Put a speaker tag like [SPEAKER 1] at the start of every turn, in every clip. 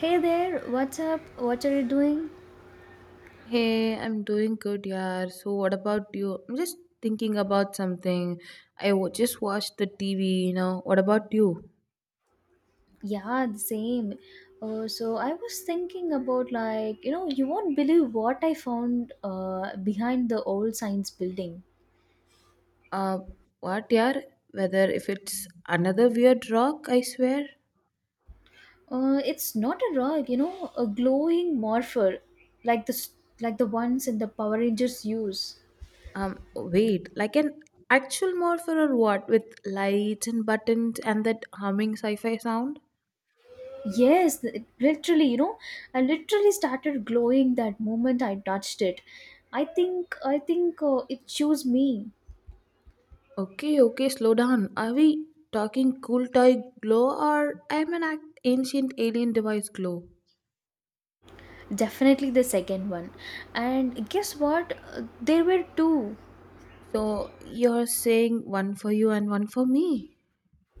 [SPEAKER 1] Hey there, what's up? What are you doing?
[SPEAKER 2] Hey, I'm doing good, yeah. So, what about you? I'm just thinking about something. Just watched the TV, you know. What about you?
[SPEAKER 1] Yeah, the same. So I was thinking about you won't believe what I found behind the old science building.
[SPEAKER 2] Uh, what, yeah? Whether if it's another weird rock, I swear.
[SPEAKER 1] It's not a rock, you know, a glowing morpher, like the s- like the ones in the Power Rangers use.
[SPEAKER 2] Wait, like an actual morpher or what? With lights and buttons and that humming sci fi sound?
[SPEAKER 1] Yes, it- literally, you know, I literally started glowing that moment I touched it. I think it chose me.
[SPEAKER 2] Okay, okay, slow down. Are we talking cool toy glow or ancient alien device glow?
[SPEAKER 1] Definitely the second one. And guess what? There were two.
[SPEAKER 2] So you're saying one for you and one for me.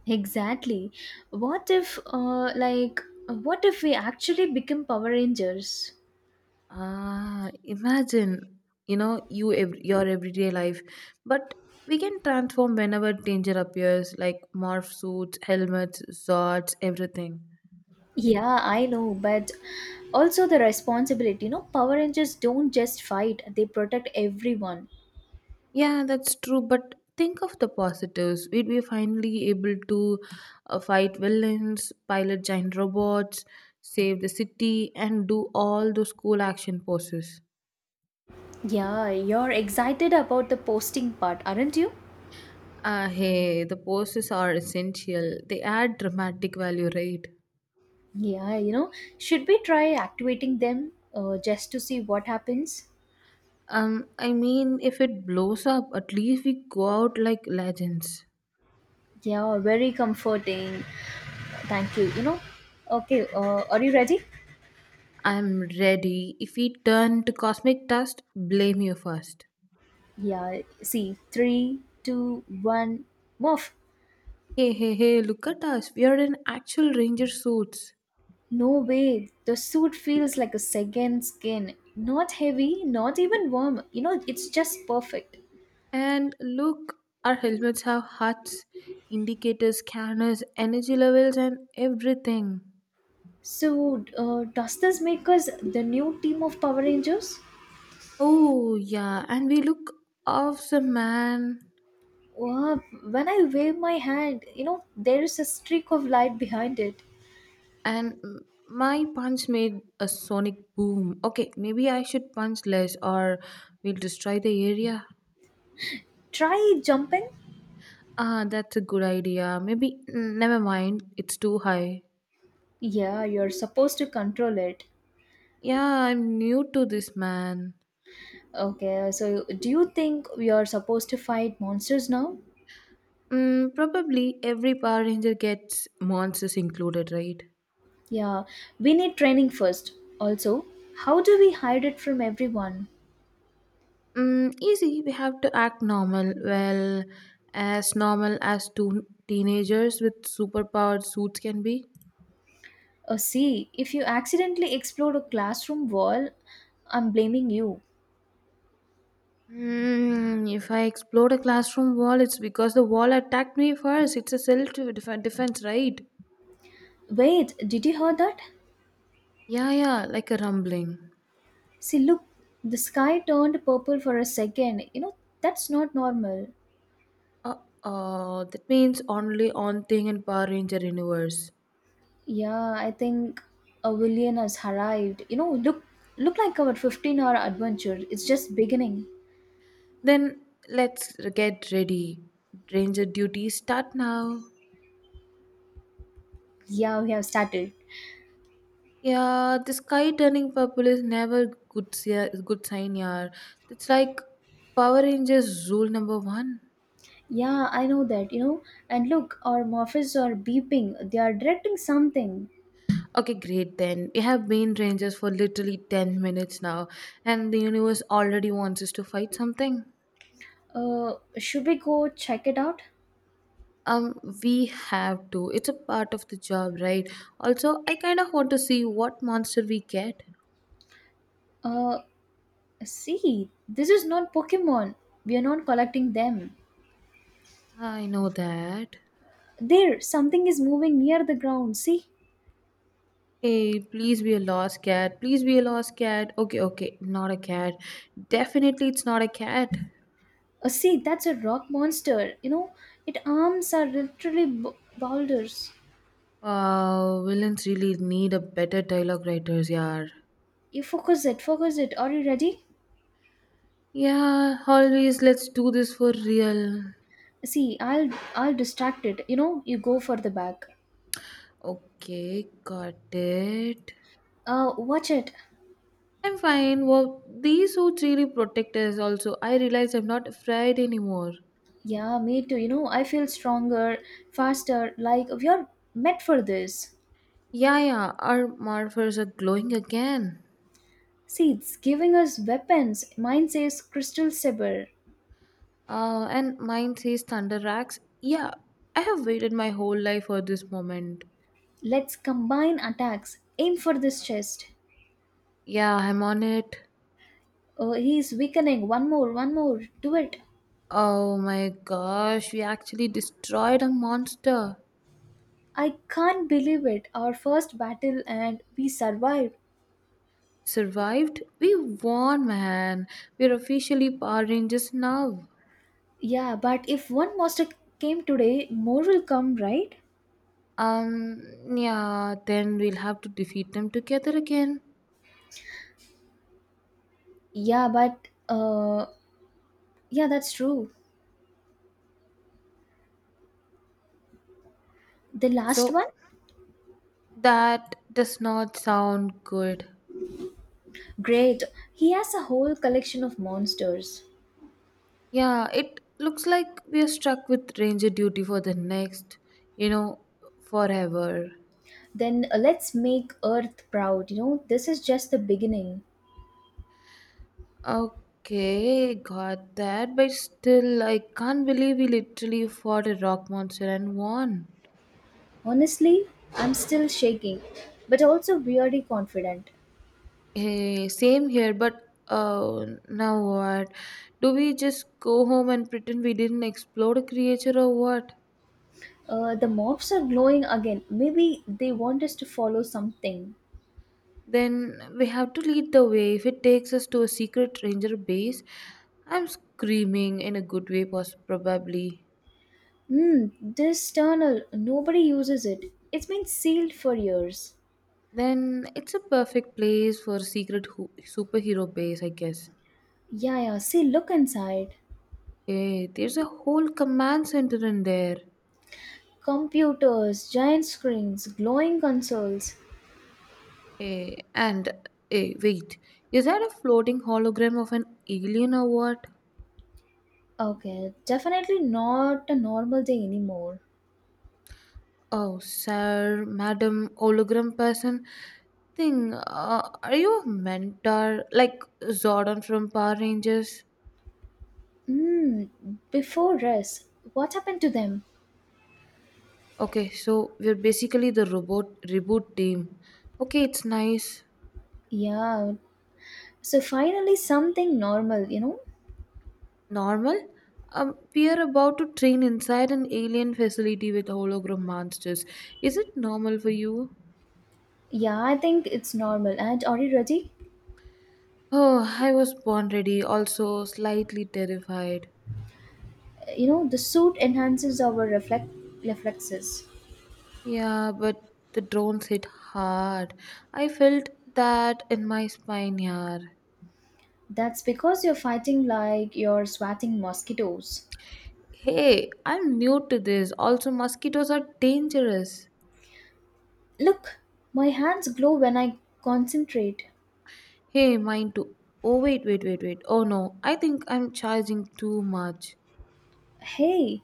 [SPEAKER 1] Exactly. What if, uh, like, what if we actually become Power Rangers?
[SPEAKER 2] Ah, imagine, you know, your everyday life, but we can transform whenever danger appears, like morph suits, helmets, swords, everything.
[SPEAKER 1] Yeah, I know, but also the responsibility. You know, Power Rangers don't just fight, they protect everyone.
[SPEAKER 2] Yeah, that's true. But think of the positives. We'd be finally able to fight villains, pilot giant robots, save the city, and do all those cool action poses.
[SPEAKER 1] Yeah, you're excited about the posting part, aren't you?
[SPEAKER 2] Ah, hey, the poses are essential. They add dramatic value, right?
[SPEAKER 1] Yeah, you know, should we try activating them just to see what happens?
[SPEAKER 2] I mean, if it blows up, at least we go out like legends.
[SPEAKER 1] Yeah, very comforting. Thank you. You know, okay, are you ready?
[SPEAKER 2] I'm ready. If we turn to cosmic dust, blame you first.
[SPEAKER 1] Yeah, see, three, two, one, move.
[SPEAKER 2] Hey, hey, hey, look at us. We are in actual ranger suits.
[SPEAKER 1] No way. The suit feels like a second skin. Not heavy, not even warm. You know, it's just perfect.
[SPEAKER 2] And look, our helmets have huts, indicators, scanners, energy levels, and everything.
[SPEAKER 1] So, does this make us the new team of Power Rangers?
[SPEAKER 2] Oh, yeah, and we look awesome, man.
[SPEAKER 1] Wow, when I wave my hand, you know, there is a streak of light behind it.
[SPEAKER 2] And my punch made a sonic boom. Okay, maybe I should punch less or we'll destroy the area.
[SPEAKER 1] Try jumping?
[SPEAKER 2] Ah, that's a good idea. Maybe, mm, never mind, it's too high.
[SPEAKER 1] Yeah, you're supposed to control it.
[SPEAKER 2] Yeah, I'm new to this, man.
[SPEAKER 1] Okay, so do you think we are supposed to fight monsters now?
[SPEAKER 2] Mm, probably every Power Ranger gets monsters included, right?
[SPEAKER 1] Yeah, we need training first. Also, how do we hide it from everyone?
[SPEAKER 2] Mm, easy, we have to act normal. Well, as normal as two teenagers with superpowered suits can be.
[SPEAKER 1] Oh, see, if you accidentally explode a classroom wall, I'm blaming you.
[SPEAKER 2] Hmm. If I explode a classroom wall, it's because the wall attacked me first. It's a defense, right?
[SPEAKER 1] Wait, did you hear that?
[SPEAKER 2] Yeah, yeah, like a rumbling.
[SPEAKER 1] See, look, the sky turned purple for a second. You know, that's not normal.
[SPEAKER 2] Uh, that means only on thing in Power Ranger universe.
[SPEAKER 1] Yeah, I think a villain has arrived. You know, look, look like our 15-hour adventure. It's just beginning.
[SPEAKER 2] Then let's get ready. Ranger duties start now.
[SPEAKER 1] Yeah, we have started.
[SPEAKER 2] Yeah, the sky turning purple is never good. Good sign, yeah. It's like Power Rangers rule number one.
[SPEAKER 1] Yeah, I know that, you know. And look, our morphs are beeping. They are directing something.
[SPEAKER 2] Okay, great then. We have been rangers for literally 10 minutes now, and the universe already wants us to fight something.
[SPEAKER 1] Should we go check it out?
[SPEAKER 2] We have to. It's a part of the job, right? Also, I kind of want to see what monster we get.
[SPEAKER 1] Uh, see, this is not Pokemon. We are not collecting them.
[SPEAKER 2] I know that.
[SPEAKER 1] There, something is moving near the ground. See?
[SPEAKER 2] Hey, please be a lost cat. Please be a lost cat. Okay, okay, not a cat. Definitely, it's not a cat.
[SPEAKER 1] See, that's a rock monster. You know, its arms are literally boulders.
[SPEAKER 2] Wow, villains really need a better dialogue writers, yeah.
[SPEAKER 1] You focus it, focus it. Are you ready?
[SPEAKER 2] Yeah, always, let's do this for real.
[SPEAKER 1] See, I'll distract it. You know, you go for the back.
[SPEAKER 2] Okay, got it.
[SPEAKER 1] Watch it.
[SPEAKER 2] I'm fine. Well, these suits really protect us also. I realize I'm not afraid anymore.
[SPEAKER 1] Yeah, me too. You know, I feel stronger, faster, like we are meant for this.
[SPEAKER 2] Yeah, yeah, our morphers are glowing again.
[SPEAKER 1] See, it's giving us weapons. Mine says Crystal Saber.
[SPEAKER 2] And mine says Thunder Racks. Yeah, I have waited my whole life for this moment.
[SPEAKER 1] Let's combine attacks. Aim for this chest.
[SPEAKER 2] Yeah, I'm on it.
[SPEAKER 1] Oh, he's weakening. One more, one more. Do it.
[SPEAKER 2] Oh my gosh, we actually destroyed a monster.
[SPEAKER 1] I can't believe it. Our first battle and we survived.
[SPEAKER 2] Survived? We won, man. We're officially Power Rangers now.
[SPEAKER 1] Yeah, but if one monster came today, more will come, right?
[SPEAKER 2] Um, yeah, then we'll have to defeat them together again.
[SPEAKER 1] Yeah, but, uh, yeah, that's true. The last
[SPEAKER 2] So
[SPEAKER 1] one?
[SPEAKER 2] that does not sound good.
[SPEAKER 1] Great. He has a whole collection of monsters.
[SPEAKER 2] Yeah, it looks like we are stuck with ranger duty for the next, you know, forever.
[SPEAKER 1] Then let's make Earth proud. You know, this is just the beginning.
[SPEAKER 2] Okay, got that, but still, I can't believe we literally fought a rock monster and won.
[SPEAKER 1] Honestly, I'm still shaking, but also weirdly confident.
[SPEAKER 2] Hey, same here, but now what? Do we just go home and pretend we didn't explode a creature or what?
[SPEAKER 1] The mobs are glowing again. Maybe they want us to follow something.
[SPEAKER 2] Then we have to lead the way. If it takes us to a secret ranger base, I'm screaming in a good way, probably.
[SPEAKER 1] Hmm, this tunnel, nobody uses it. It's been sealed for years.
[SPEAKER 2] Then it's a perfect place for a secret superhero base, I guess.
[SPEAKER 1] Yeah, yeah, see, look inside.
[SPEAKER 2] Hey, there's a whole command center in there.
[SPEAKER 1] Computers, giant screens, glowing consoles.
[SPEAKER 2] Hey, and hey, wait, is that a floating hologram of an alien or what?
[SPEAKER 1] Okay, definitely not a normal day anymore.
[SPEAKER 2] Oh, sir, madam, hologram person thing. Are you a mentor like Zordon from Power Rangers?
[SPEAKER 1] Mm, before rest, what happened to them?
[SPEAKER 2] Okay, so we're basically the robot reboot team. Okay, it's nice.
[SPEAKER 1] Yeah, so finally something normal, you know?
[SPEAKER 2] Normal? We are about to train inside an alien facility with hologram monsters. Is it normal for you?
[SPEAKER 1] Yeah, I think it's normal. And are you ready?
[SPEAKER 2] Oh, I was born ready, also slightly terrified.
[SPEAKER 1] You know, the suit enhances our reflect reflexes.
[SPEAKER 2] Yeah, but the drones hit hard. I felt that in my spine, yaar.
[SPEAKER 1] That's because you're fighting like you're swatting mosquitoes.
[SPEAKER 2] Hey, I'm new to this. Also, mosquitoes are dangerous.
[SPEAKER 1] Look, my hands glow when I concentrate.
[SPEAKER 2] Hey, mine too. Oh, wait, wait, wait, wait. Oh no, I think I'm charging too much.
[SPEAKER 1] Hey,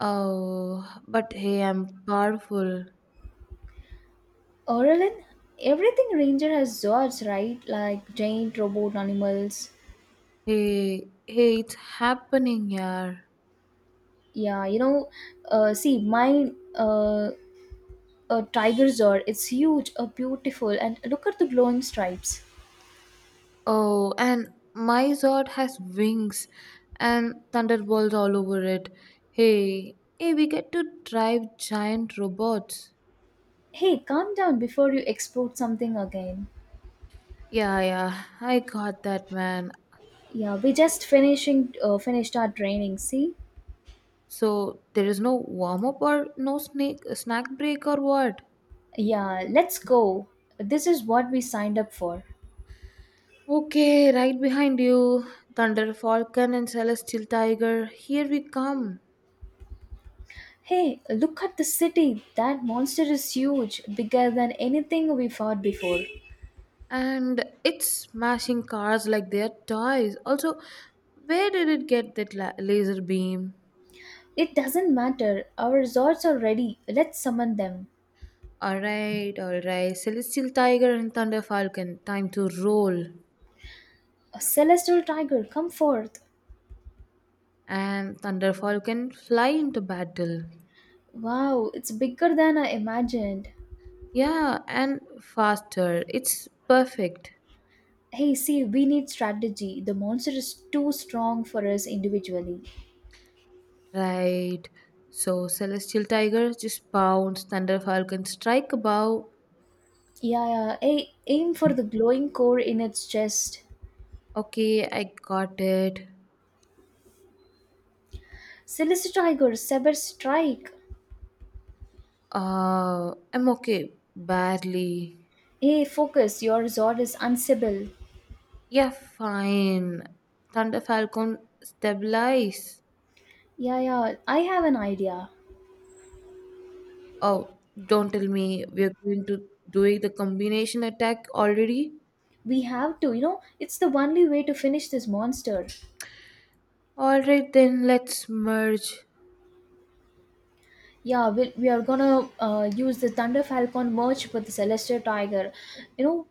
[SPEAKER 2] Oh, but hey, I'm powerful.
[SPEAKER 1] Aurelin, everything ranger has zords, right? Like giant robot animals.
[SPEAKER 2] Hey, hey, it's happening, yaar.
[SPEAKER 1] Yeah, you know, see mine, a tiger zord. It's huge, beautiful, and look at the glowing stripes.
[SPEAKER 2] Oh, and my Zord has wings and thunderbolts all over it. Hey, hey, we get to drive giant robots.
[SPEAKER 1] Hey, calm down before you explode something again.
[SPEAKER 2] Yeah, yeah, I got that, man.
[SPEAKER 1] Yeah, we just finishing finished our training. See?
[SPEAKER 2] So there is no warm up or no snake snack break or what?
[SPEAKER 1] Yeah, let's go. This is what we signed up for.
[SPEAKER 2] Okay, right behind you, Thunder Falcon and Celestial Tiger. Here we come.
[SPEAKER 1] Hey, look at the city. That monster is huge, bigger than anything we fought before.
[SPEAKER 2] And it's smashing cars like they're toys. Also, where did it get that laser beam?
[SPEAKER 1] It doesn't matter. Our resorts are ready. Let's summon them.
[SPEAKER 2] Alright, alright. Celestial Tiger and Thunder Falcon, time to roll.
[SPEAKER 1] A celestial tiger, come forth.
[SPEAKER 2] And Thunder Falcon, fly into battle.
[SPEAKER 1] Wow, it's bigger than I imagined.
[SPEAKER 2] Yeah, and faster. It's perfect.
[SPEAKER 1] Hey, see, we need strategy. The monster is too strong for us individually.
[SPEAKER 2] Right. So Celestial Tiger just pounds Thunder Falcon strike a bow.
[SPEAKER 1] Yeah, yeah. Hey, aim for the glowing core in its chest.
[SPEAKER 2] Okay, I got it.
[SPEAKER 1] Celestial tiger, saber strike.
[SPEAKER 2] I'm okay. Badly.
[SPEAKER 1] Hey, focus. Your resort is unsible.
[SPEAKER 2] Yeah, fine. Thunder Falcon stabilize.
[SPEAKER 1] Yeah, yeah. I have an idea.
[SPEAKER 2] Oh, don't tell me we're going to doing the combination attack already.
[SPEAKER 1] We have to, you know, it's the only way to finish this monster.
[SPEAKER 2] All right, then let's merge.
[SPEAKER 1] Yeah, we are gonna use the Thunder Falcon merch with the Celestial Tiger. You know,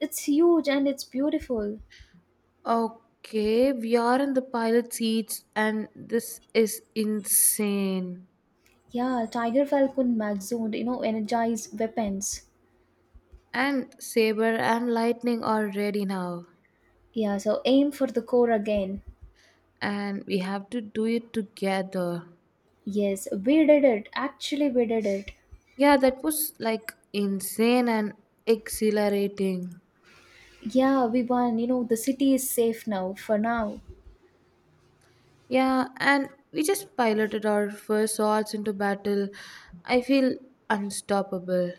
[SPEAKER 1] it's huge and it's beautiful.
[SPEAKER 2] Okay, we are in the pilot seats, and this is insane.
[SPEAKER 1] Yeah, Tiger Falcon Mag Zoned, you know, energize weapons.
[SPEAKER 2] And Saber and Lightning are ready now,
[SPEAKER 1] Yeah, so aim for the core again.
[SPEAKER 2] and we have to do it together.
[SPEAKER 1] Yes, we did it. Actually, we did it.
[SPEAKER 2] Yeah, that was like insane and exhilarating.
[SPEAKER 1] Yeah, we won. You know, the city is safe now, for now.
[SPEAKER 2] Yeah, and we just piloted our first swords into battle. I feel unstoppable.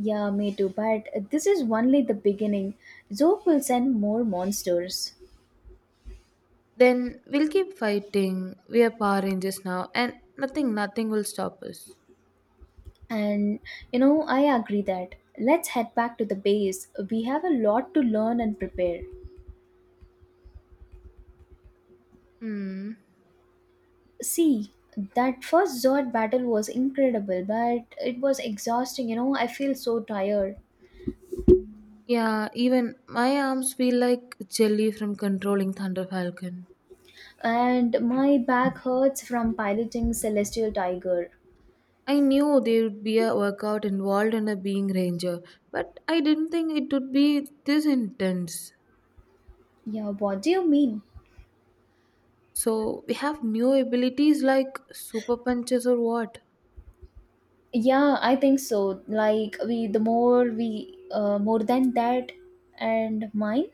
[SPEAKER 1] Yeah, me too. But this is only the beginning. Zook will send more monsters.
[SPEAKER 2] Then we'll keep fighting. We are Power Rangers now, and nothing, nothing will stop us.
[SPEAKER 1] And you know, I agree that let's head back to the base. We have a lot to learn and prepare.
[SPEAKER 2] Hmm.
[SPEAKER 1] See, that first Zord battle was incredible, but it was exhausting. You know, I feel so tired,
[SPEAKER 2] Yeah, even my arms feel like jelly from controlling Thunder Falcon.
[SPEAKER 1] and my back hurts from piloting Celestial Tiger.
[SPEAKER 2] I knew there would be a workout involved in a being ranger, but I didn't think it would be this intense.
[SPEAKER 1] Yeah, what do you mean?
[SPEAKER 2] So we have new abilities like super punches or what?
[SPEAKER 1] Yeah, I think so. Like we, the more we, more than that, and mine.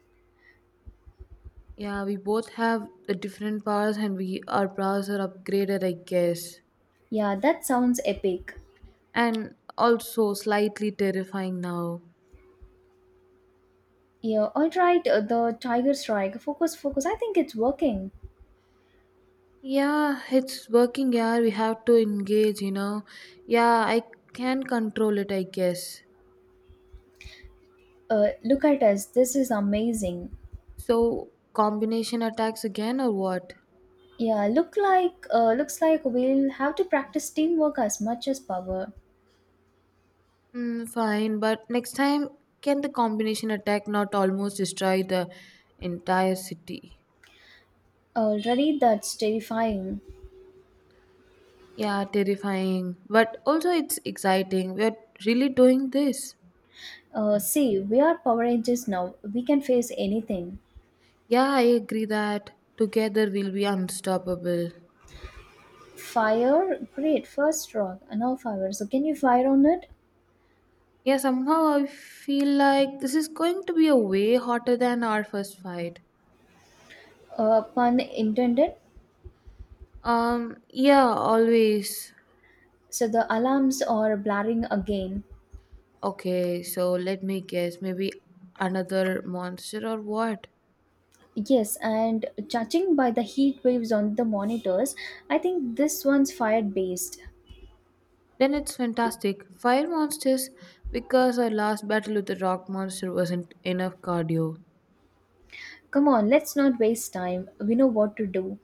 [SPEAKER 2] Yeah, we both have the different powers and we our powers are upgraded, I guess.
[SPEAKER 1] Yeah, that sounds epic.
[SPEAKER 2] And also slightly terrifying now.
[SPEAKER 1] Yeah, all right. The tiger strike. Focus, focus. I think it's working.
[SPEAKER 2] Yeah, it's working, yeah. We have to engage, you know. Yeah, I can control it, I guess.
[SPEAKER 1] Look at us. This is amazing.
[SPEAKER 2] So, combination attacks again or what?
[SPEAKER 1] Yeah, looks like we'll have to practice teamwork as much as power.
[SPEAKER 2] Mm, fine, but next time, can the combination attack not almost destroy the entire city?
[SPEAKER 1] Already, that's terrifying.
[SPEAKER 2] Yeah, terrifying. But also, it's exciting. We're really doing this.
[SPEAKER 1] See, we are Power Rangers now. We can face anything.
[SPEAKER 2] Yeah, I agree that together we'll be unstoppable.
[SPEAKER 1] Fire, great. First rock, no fire. So can you fire on it?
[SPEAKER 2] Yeah, somehow I feel like this is going to be a way hotter than our first fight.
[SPEAKER 1] Pun intended.
[SPEAKER 2] Yeah, always.
[SPEAKER 1] So the alarms are blaring again.
[SPEAKER 2] Okay, so let me guess, maybe another monster or what?
[SPEAKER 1] Yes, and judging by the heat waves on the monitors, I think this one's fire based.
[SPEAKER 2] Then it's fantastic. Fire monsters, because our last battle with the rock monster wasn't enough cardio.
[SPEAKER 1] Come on, let's not waste time. We know what to do.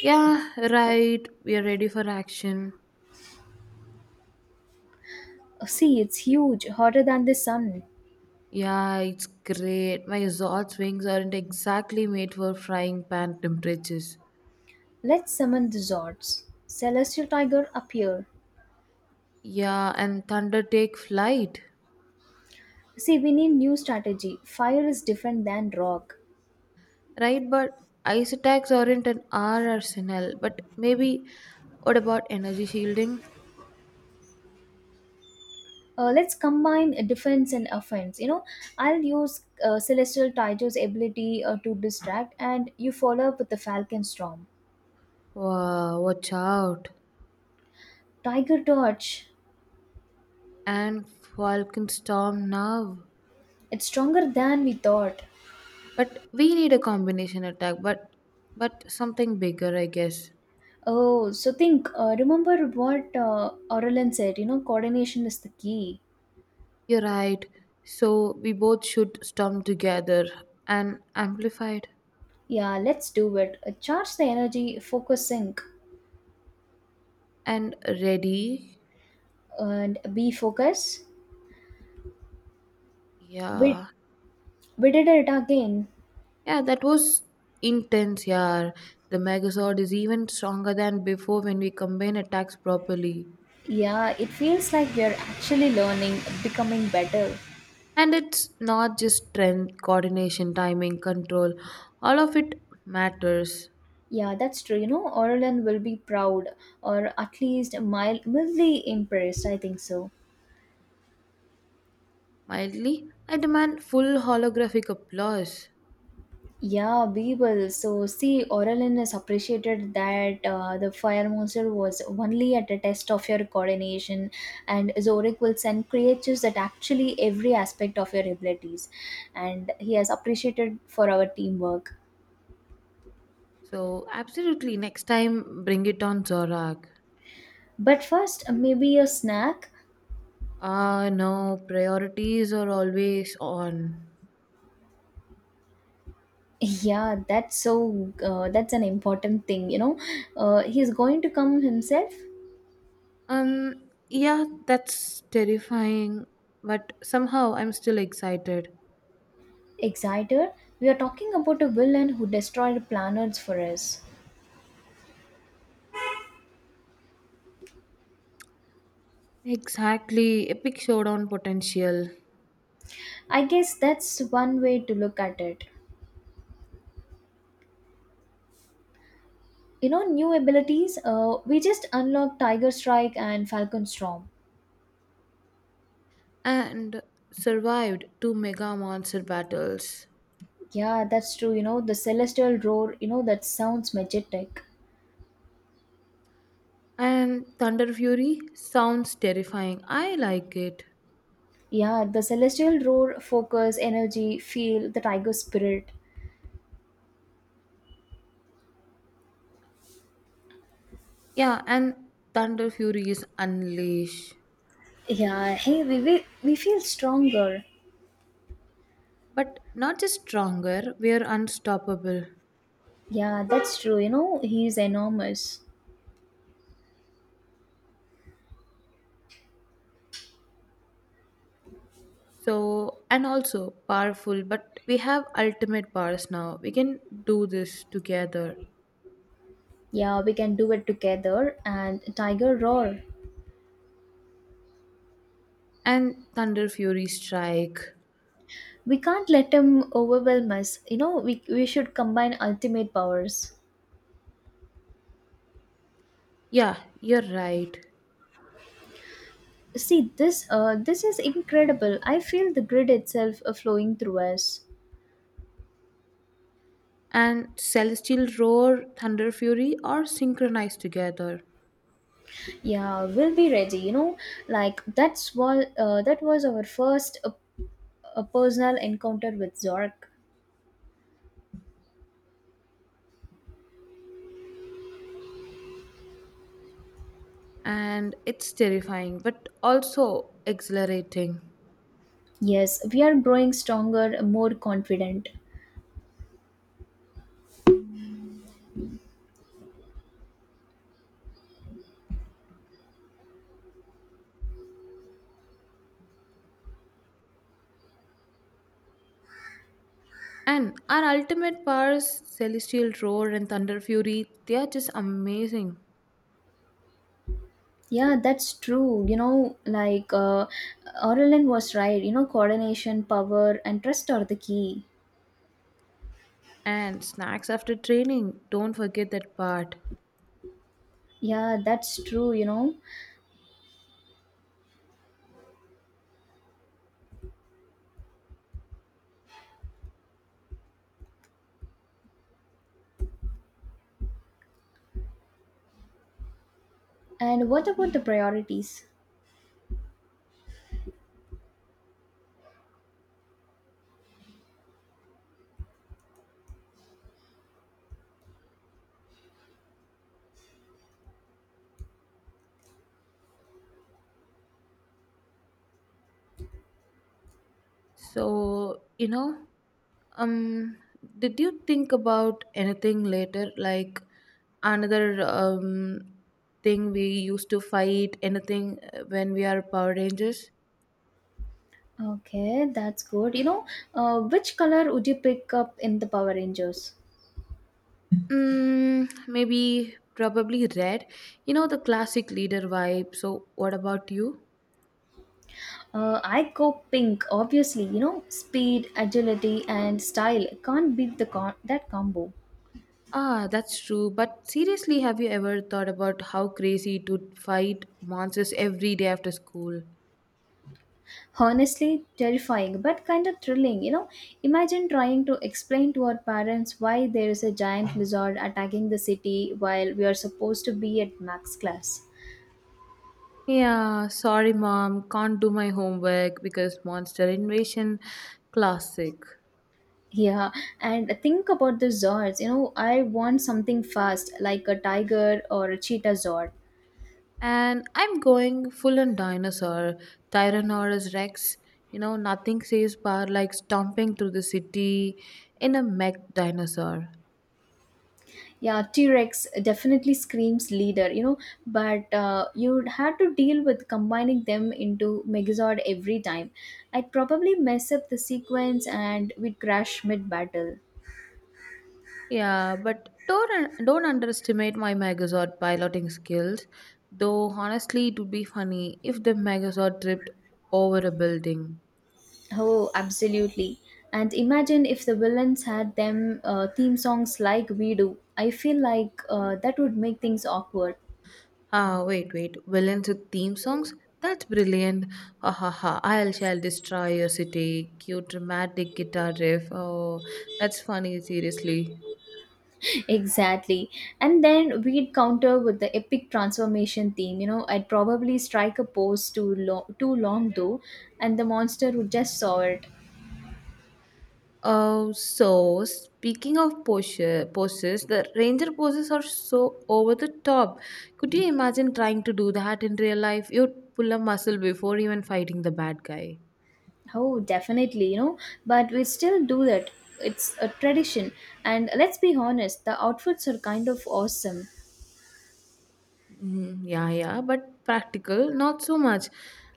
[SPEAKER 2] Yeah, right, we are ready for action.
[SPEAKER 1] See, it's huge, hotter than the sun.
[SPEAKER 2] Yeah, it's great. My Zod's wings aren't exactly made for frying pan temperatures.
[SPEAKER 1] Let's summon the Zords. Celestial Tiger, appear.
[SPEAKER 2] Yeah, and thunder take flight.
[SPEAKER 1] See, we need new strategy. Fire is different than rock.
[SPEAKER 2] Right, but ice attacks aren't an R arsenal. But maybe what about energy shielding?
[SPEAKER 1] Let's combine defense and offense. You know, I'll use Celestial Tiger's ability to distract, and you follow up with the Falcon Storm.
[SPEAKER 2] Wow, watch out.
[SPEAKER 1] Tiger Dodge.
[SPEAKER 2] And Falcon Storm now.
[SPEAKER 1] It's stronger than we thought.
[SPEAKER 2] But we need a combination attack, but something bigger, I guess.
[SPEAKER 1] Oh, so think, remember what Aurelin said, you know, coordination is the key.
[SPEAKER 2] You're right. So we both should storm together and amplified.
[SPEAKER 1] Yeah, let's do it. Charge the energy, focus sync,
[SPEAKER 2] And ready.
[SPEAKER 1] and be focus. We,
[SPEAKER 2] Yeah.
[SPEAKER 1] we did it again.
[SPEAKER 2] Yeah, that was intense, yeah. The Megazord is even stronger than before when we combine attacks properly.
[SPEAKER 1] Yeah, it feels like we are actually learning, becoming better.
[SPEAKER 2] And it's not just strength, coordination, timing, control. All of it matters.
[SPEAKER 1] Yeah, that's true. You know, Aurelin will be proud or at least mildly impressed. I think so.
[SPEAKER 2] Mildly, I demand full holographic applause.
[SPEAKER 1] Yeah, Bible. So, see, Oralin is appreciated that the fire monster was only at a test of your coordination, and Zorik will send creatures that actually every aspect of your abilities, and he has appreciated for our teamwork.
[SPEAKER 2] So, absolutely, next time bring it on Zorak.
[SPEAKER 1] But first, maybe a snack.
[SPEAKER 2] Ah, no, priorities are always on.
[SPEAKER 1] Yeah, that's so. That's an important thing, you know. He's going to come himself.
[SPEAKER 2] Yeah, that's terrifying, but somehow I'm still excited.
[SPEAKER 1] Exciter. We are talking about a villain who destroyed planets for us.
[SPEAKER 2] Exactly, epic showdown potential.
[SPEAKER 1] I guess that's one way to look at it. You know, new abilities. We just unlocked Tiger Strike and Falcon Storm.
[SPEAKER 2] And survived two mega monster battles.
[SPEAKER 1] Yeah, that's true. You know, the Celestial Roar. You know, that sounds majestic.
[SPEAKER 2] And Thunder Fury sounds terrifying. I like it.
[SPEAKER 1] Yeah, the Celestial Roar, focus, energy, feel the Tiger Spirit.
[SPEAKER 2] Yeah, and Thunder Fury is unleash.
[SPEAKER 1] Yeah, hey, we feel stronger.
[SPEAKER 2] But not just stronger, we are unstoppable.
[SPEAKER 1] Yeah, that's true. You know, he's enormous.
[SPEAKER 2] So, and also powerful, but we have ultimate powers now. We can do this together.
[SPEAKER 1] Yeah, we can do it together. And Tiger Roar.
[SPEAKER 2] And Thunder Fury Strike.
[SPEAKER 1] We can't let him overwhelm us, you know, we should combine ultimate powers.
[SPEAKER 2] Yeah, you're right.
[SPEAKER 1] See, this is incredible. I feel the grid itself flowing through us.
[SPEAKER 2] And Celestial Roar, Thunder Fury are synchronized together.
[SPEAKER 1] Yeah, we'll be ready, you know, like that's what that was our first personal encounter with Zork.
[SPEAKER 2] And it's terrifying, but also exhilarating.
[SPEAKER 1] Yes, we are growing stronger, more confident.
[SPEAKER 2] And our ultimate powers, Celestial Roar and Thunder Fury, they are just amazing.
[SPEAKER 1] Yeah, that's true, you know, Aurelin was right. You know, coordination, power and trust are the key.
[SPEAKER 2] And snacks after training, don't forget that part.
[SPEAKER 1] Yeah, that's true, you know. And what about the priorities?
[SPEAKER 2] So, you know, um, did you think about anything later? Like another thing we used to fight, anything when we are Power Rangers?
[SPEAKER 1] Okay, that's good. You know, which color would you pick up in the Power Rangers?
[SPEAKER 2] Mm, maybe, probably red. You know, the classic leader vibe. So, what about you?
[SPEAKER 1] I go pink, obviously. You know, speed, agility, and style can't beat the that combo.
[SPEAKER 2] Ah, that's true. But seriously, have you ever thought about how crazy to fight monsters every day after school?
[SPEAKER 1] Honestly, terrifying, but kind of thrilling. You know, imagine trying to explain to our parents why there is a giant lizard attacking the city while we are supposed to be at max class.
[SPEAKER 2] Yeah, sorry, mom. Can't do my homework because Monster Invasion classic.
[SPEAKER 1] Yeah, and think about the Zords. You know, I want something fast, like a tiger or a cheetah Zord.
[SPEAKER 2] And I'm going full on dinosaur, Tyrannosaurus Rex. You know, nothing says power like stomping through the city in a mech dinosaur.
[SPEAKER 1] Yeah, T Rex definitely screams leader, you know, but you'd have to deal with combining them into Megazord every time. I'd probably mess up the sequence and we'd crash mid battle.
[SPEAKER 2] Yeah, but don't underestimate my Megazord piloting skills. Though honestly, it would be funny if the Megazord tripped over a building.
[SPEAKER 1] Oh, absolutely. And imagine if the villains had them theme songs like we do. I feel like that would make things awkward.
[SPEAKER 2] Ah, wait, wait. Villains with theme songs? That's brilliant. Ha ha ha. I'll shall destroy your city. Cute dramatic guitar riff. Oh, that's funny, seriously.
[SPEAKER 1] Exactly. And then we'd counter with the epic transformation theme. You know, I'd probably strike a pose too long though, and the monster would just saw it.
[SPEAKER 2] Oh, so speaking of poses, poses, the ranger poses are so over the top. Could you imagine trying to do that in real life? You'd pull a muscle before even fighting the bad guy.
[SPEAKER 1] Oh, definitely, you know, but we still do that. It's a tradition. And let's be honest, the outfits are kind of awesome.
[SPEAKER 2] Mhm, yeah, yeah, but practical, not so much.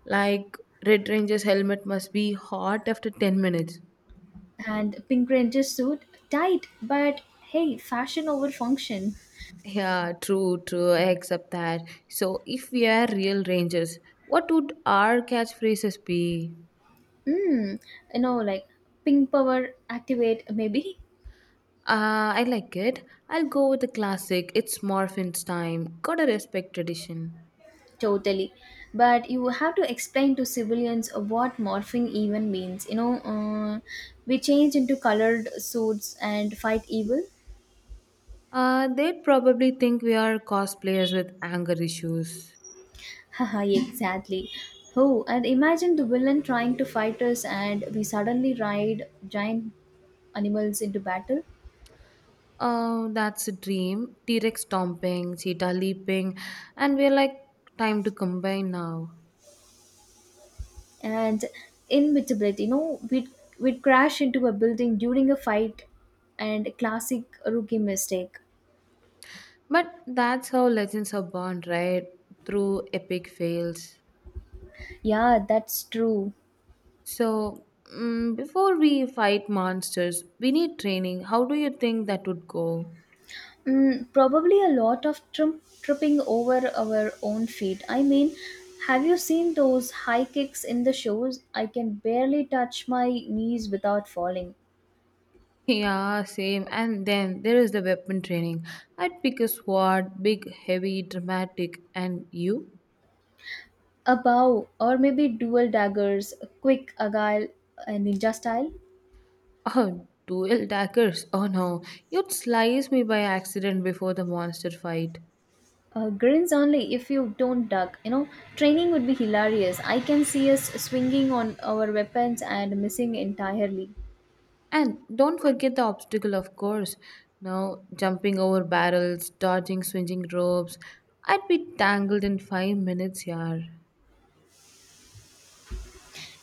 [SPEAKER 2] Like Red Ranger's helmet must be hot after 10 minutes.
[SPEAKER 1] And Pink Ranger suit, tight, but hey, fashion over function.
[SPEAKER 2] Yeah, true, true. I accept that. So, if we are real rangers, what would our catchphrases be?
[SPEAKER 1] Hmm, you know, like pink power activate maybe.
[SPEAKER 2] I like it. I'll go with the classic. It's Morphin's time. Gotta respect tradition.
[SPEAKER 1] Totally. But you have to explain to civilians what morphing even means. We change into colored suits and fight evil.
[SPEAKER 2] They'd probably think we are cosplayers with anger issues.
[SPEAKER 1] Haha, exactly. Oh, and imagine the villain trying to fight us, and we suddenly ride giant animals into battle.
[SPEAKER 2] Oh, that's a dream. T Rex stomping, cheetah leaping, and we're like, time to combine now.
[SPEAKER 1] And inevitability, we'd crash into a building during a fight and classic rookie mistake.
[SPEAKER 2] But that's how legends are born, right? Through epic fails.
[SPEAKER 1] Yeah, that's true.
[SPEAKER 2] So, Before we fight monsters, we need training. How do you think that would go?
[SPEAKER 1] Mm, probably a lot of tripping over our own feet. I mean, have you seen those high kicks in the shows? I can barely touch my knees without falling.
[SPEAKER 2] Yeah, same. And then there is the weapon training. I'd pick a sword, big, heavy, dramatic. And you?
[SPEAKER 1] A bow, or maybe dual daggers, a quick agile ninja style.
[SPEAKER 2] Oh, dual daggers? Oh no, you'd slice me by accident before the monster fight.
[SPEAKER 1] Grins only if you don't duck. You know, training would be hilarious. I can see us swinging on our weapons and missing entirely.
[SPEAKER 2] And don't forget the obstacle, of course. Now, jumping over barrels, dodging swinging ropes. I'd be tangled in 5 minutes, yar.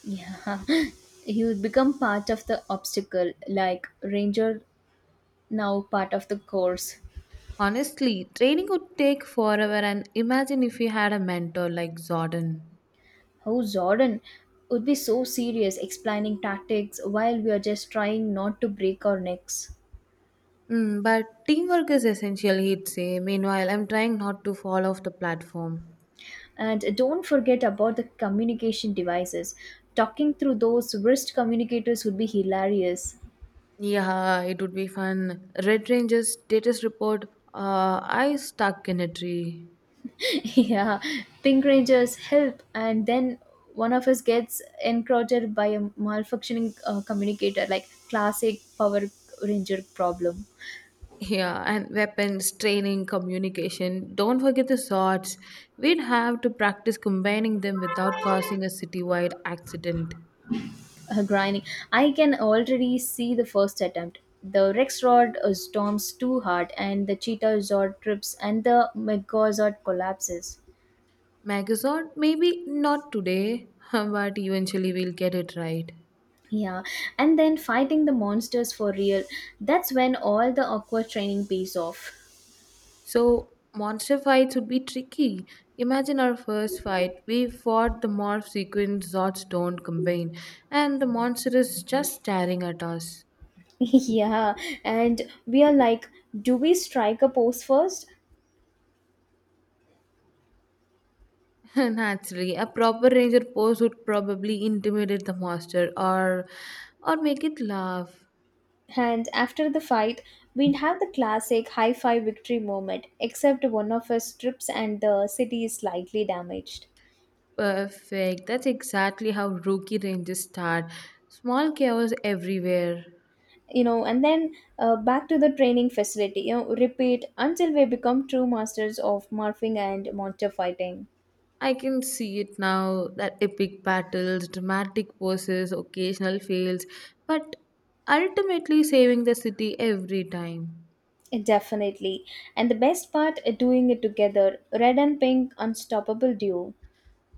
[SPEAKER 1] Yeah, you would become part of the obstacle, like Ranger now part of the course.
[SPEAKER 2] Honestly, training would take forever, and imagine if you had a mentor like Zordon.
[SPEAKER 1] How Jordan would be so serious explaining tactics while we are just trying not to break our necks.
[SPEAKER 2] Mm, but teamwork is essential, he'd say. Meanwhile, I'm trying not to fall off the platform.
[SPEAKER 1] And don't forget about the communication devices. Talking through those wrist communicators would be hilarious.
[SPEAKER 2] Yeah, it would be fun. Red Ranger's status report. I stuck in a tree.
[SPEAKER 1] Yeah, Pink Rangers help, and then one of us gets encroached by a malfunctioning communicator, like classic Power Ranger problem.
[SPEAKER 2] Yeah, and weapons, training, communication. Don't forget the swords. We'd have to practice combining them without causing a citywide accident.
[SPEAKER 1] Grinding. I can already see the first attempt. The Rex Rod storms too hard, and the Cheetah Zord trips, and the Megazord collapses.
[SPEAKER 2] Megazord, maybe not today, but eventually we'll get it right.
[SPEAKER 1] Yeah, and then fighting the monsters for real. That's when all the awkward training pays off.
[SPEAKER 2] So monster fights would be tricky. Imagine our first fight. We fought the morph sequence Zodstone combined, and the monster is just staring at us.
[SPEAKER 1] Yeah, and we are like, do we strike a pose first?
[SPEAKER 2] Naturally, a proper ranger pose would probably intimidate the monster or make it laugh.
[SPEAKER 1] And after the fight, we'd have the classic high five victory moment, except one of us trips and the city is slightly damaged.
[SPEAKER 2] Perfect. That's exactly how rookie rangers start. Small chaos everywhere.
[SPEAKER 1] And then back to the training facility, repeat until we become true masters of morphing and monster fighting.
[SPEAKER 2] I can see it now that epic battles, dramatic poses, occasional fails, but ultimately saving the city every time.
[SPEAKER 1] Definitely. And the best part, doing it together, red and pink, unstoppable duo.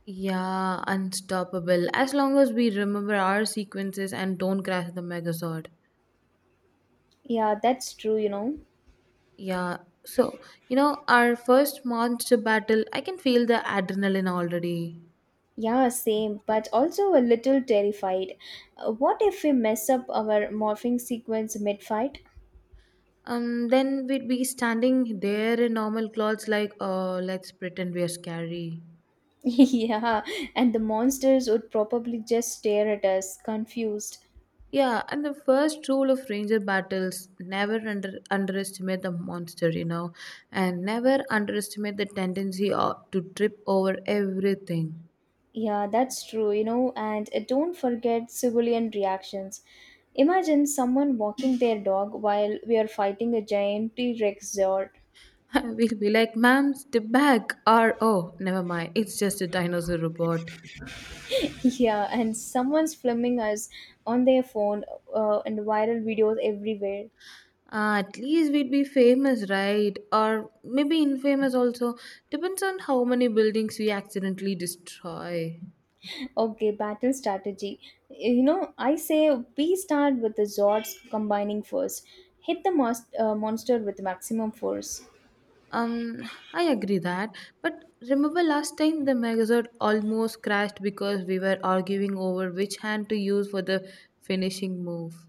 [SPEAKER 2] Yeah, unstoppable. As long as we remember our sequences and don't crash the Megazord.
[SPEAKER 1] Yeah, that's true.
[SPEAKER 2] Yeah, so, you know, our first monster battle, I can feel the adrenaline already.
[SPEAKER 1] Yeah, same, but also a little terrified. What if we mess up our morphing sequence mid fight?
[SPEAKER 2] Then we'd be standing there in normal clothes, like, oh, let's pretend we are scary.
[SPEAKER 1] Yeah, and the monsters would probably just stare at us, confused.
[SPEAKER 2] Yeah, and the first rule of ranger battles never underestimate the monster, and never underestimate the tendency to trip over everything.
[SPEAKER 1] Yeah, that's true, and don't forget civilian reactions. Imagine someone walking their dog while we are fighting a giant T Rex Zord.
[SPEAKER 2] We'll be like, ma'am, step back, or oh, never mind, it's just a dinosaur robot.
[SPEAKER 1] Yeah, and someone's filming us on their phone, and viral videos everywhere.
[SPEAKER 2] Ah, at least we'd be famous, right? Or maybe infamous also. Depends on how many buildings we accidentally destroy.
[SPEAKER 1] Okay, battle strategy. You know, I say we start with the Zords combining first. Hit the most, monster with maximum force.
[SPEAKER 2] Um, I agree that. But remember last time the magazine almost crashed because we were arguing over which hand to use for the finishing move.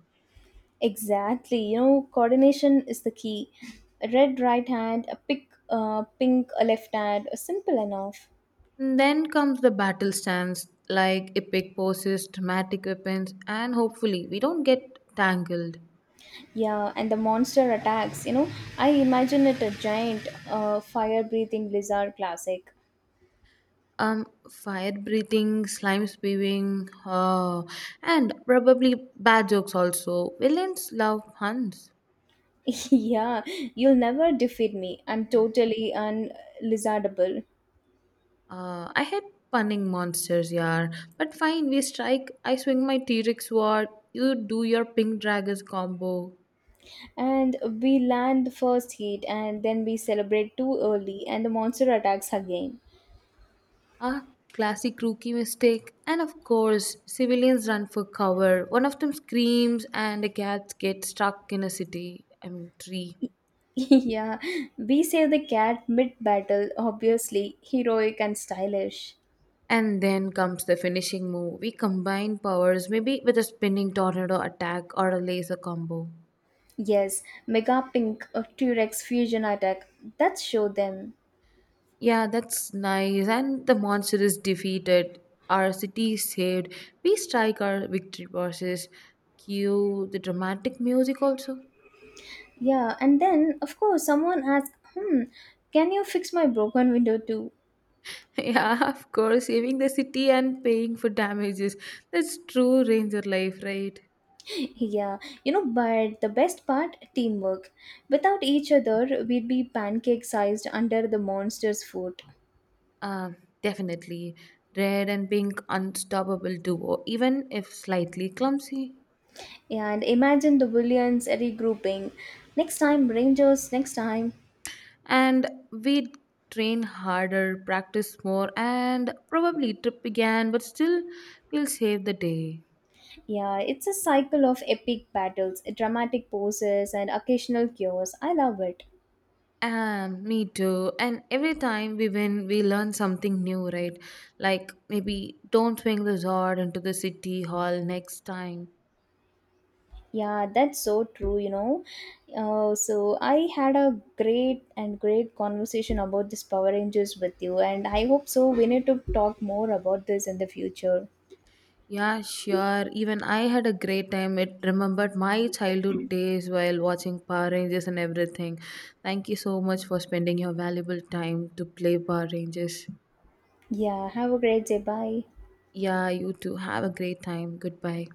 [SPEAKER 1] Exactly. You know, coordination is the key. A red right hand, a pink a left hand, a simple enough.
[SPEAKER 2] Then comes the battle stance, like epic poses, dramatic weapons, and hopefully we don't get tangled.
[SPEAKER 1] Yeah, and the monster attacks. You know, I imagine it a giant, fire-breathing lizard, classic.
[SPEAKER 2] Fire breathing, slime spewing, and probably bad jokes also. Villains love puns.
[SPEAKER 1] Yeah, you'll never defeat me. I'm totally unlizardable.
[SPEAKER 2] I hate punning monsters, yeah. But fine, we strike. I swing my T Rex sword. You do your pink dragons combo.
[SPEAKER 1] And we land the first hit, and then we celebrate too early, and the monster attacks again.
[SPEAKER 2] Ah, classic rookie mistake. And of course, civilians run for cover. One of them screams, and the cats get stuck in a city. I mean, tree.
[SPEAKER 1] Yeah, we save the cat mid battle, obviously, heroic and stylish.
[SPEAKER 2] And then comes the finishing move. We combine powers, maybe with a spinning tornado attack or a laser combo.
[SPEAKER 1] Yes, Mega Pink of T-Rex fusion attack. That show them.
[SPEAKER 2] Yeah, that's nice. And the monster is defeated. Our city is saved. We strike our victory bosses. Cue the dramatic music also.
[SPEAKER 1] Yeah, and then of course someone asks, "Hmm, can you fix my broken window too?"
[SPEAKER 2] Yeah, of course. Saving the city and paying for damages. That's true ranger life, right?
[SPEAKER 1] Yeah, but the best part, teamwork. Without each other, we'd be pancake-sized under the monster's foot.
[SPEAKER 2] Uh, Definitely. Red and pink unstoppable duo, even if slightly clumsy.
[SPEAKER 1] And imagine the villains regrouping. Next time, Rangers. Next time.
[SPEAKER 2] And we train harder, practice more, and probably trip again, but still we'll save the day.
[SPEAKER 1] Yeah, it's a cycle of epic battles, dramatic poses, and occasional cures. I love it.
[SPEAKER 2] Me too. And every time we win, we learn something new, right? Like maybe don't swing the sword into the city hall next time.
[SPEAKER 1] Yeah, that's so true. So, I had a great and great conversation about this Power Rangers with you, and I hope so. We need to talk more about this in the future.
[SPEAKER 2] Yeah, sure. Even I had a great time. It remembered my childhood days while watching Power Rangers and everything. Thank you so much for spending your valuable time to play Power Rangers.
[SPEAKER 1] Yeah, have a great day. Bye.
[SPEAKER 2] Yeah, you too. Have a great time. Goodbye.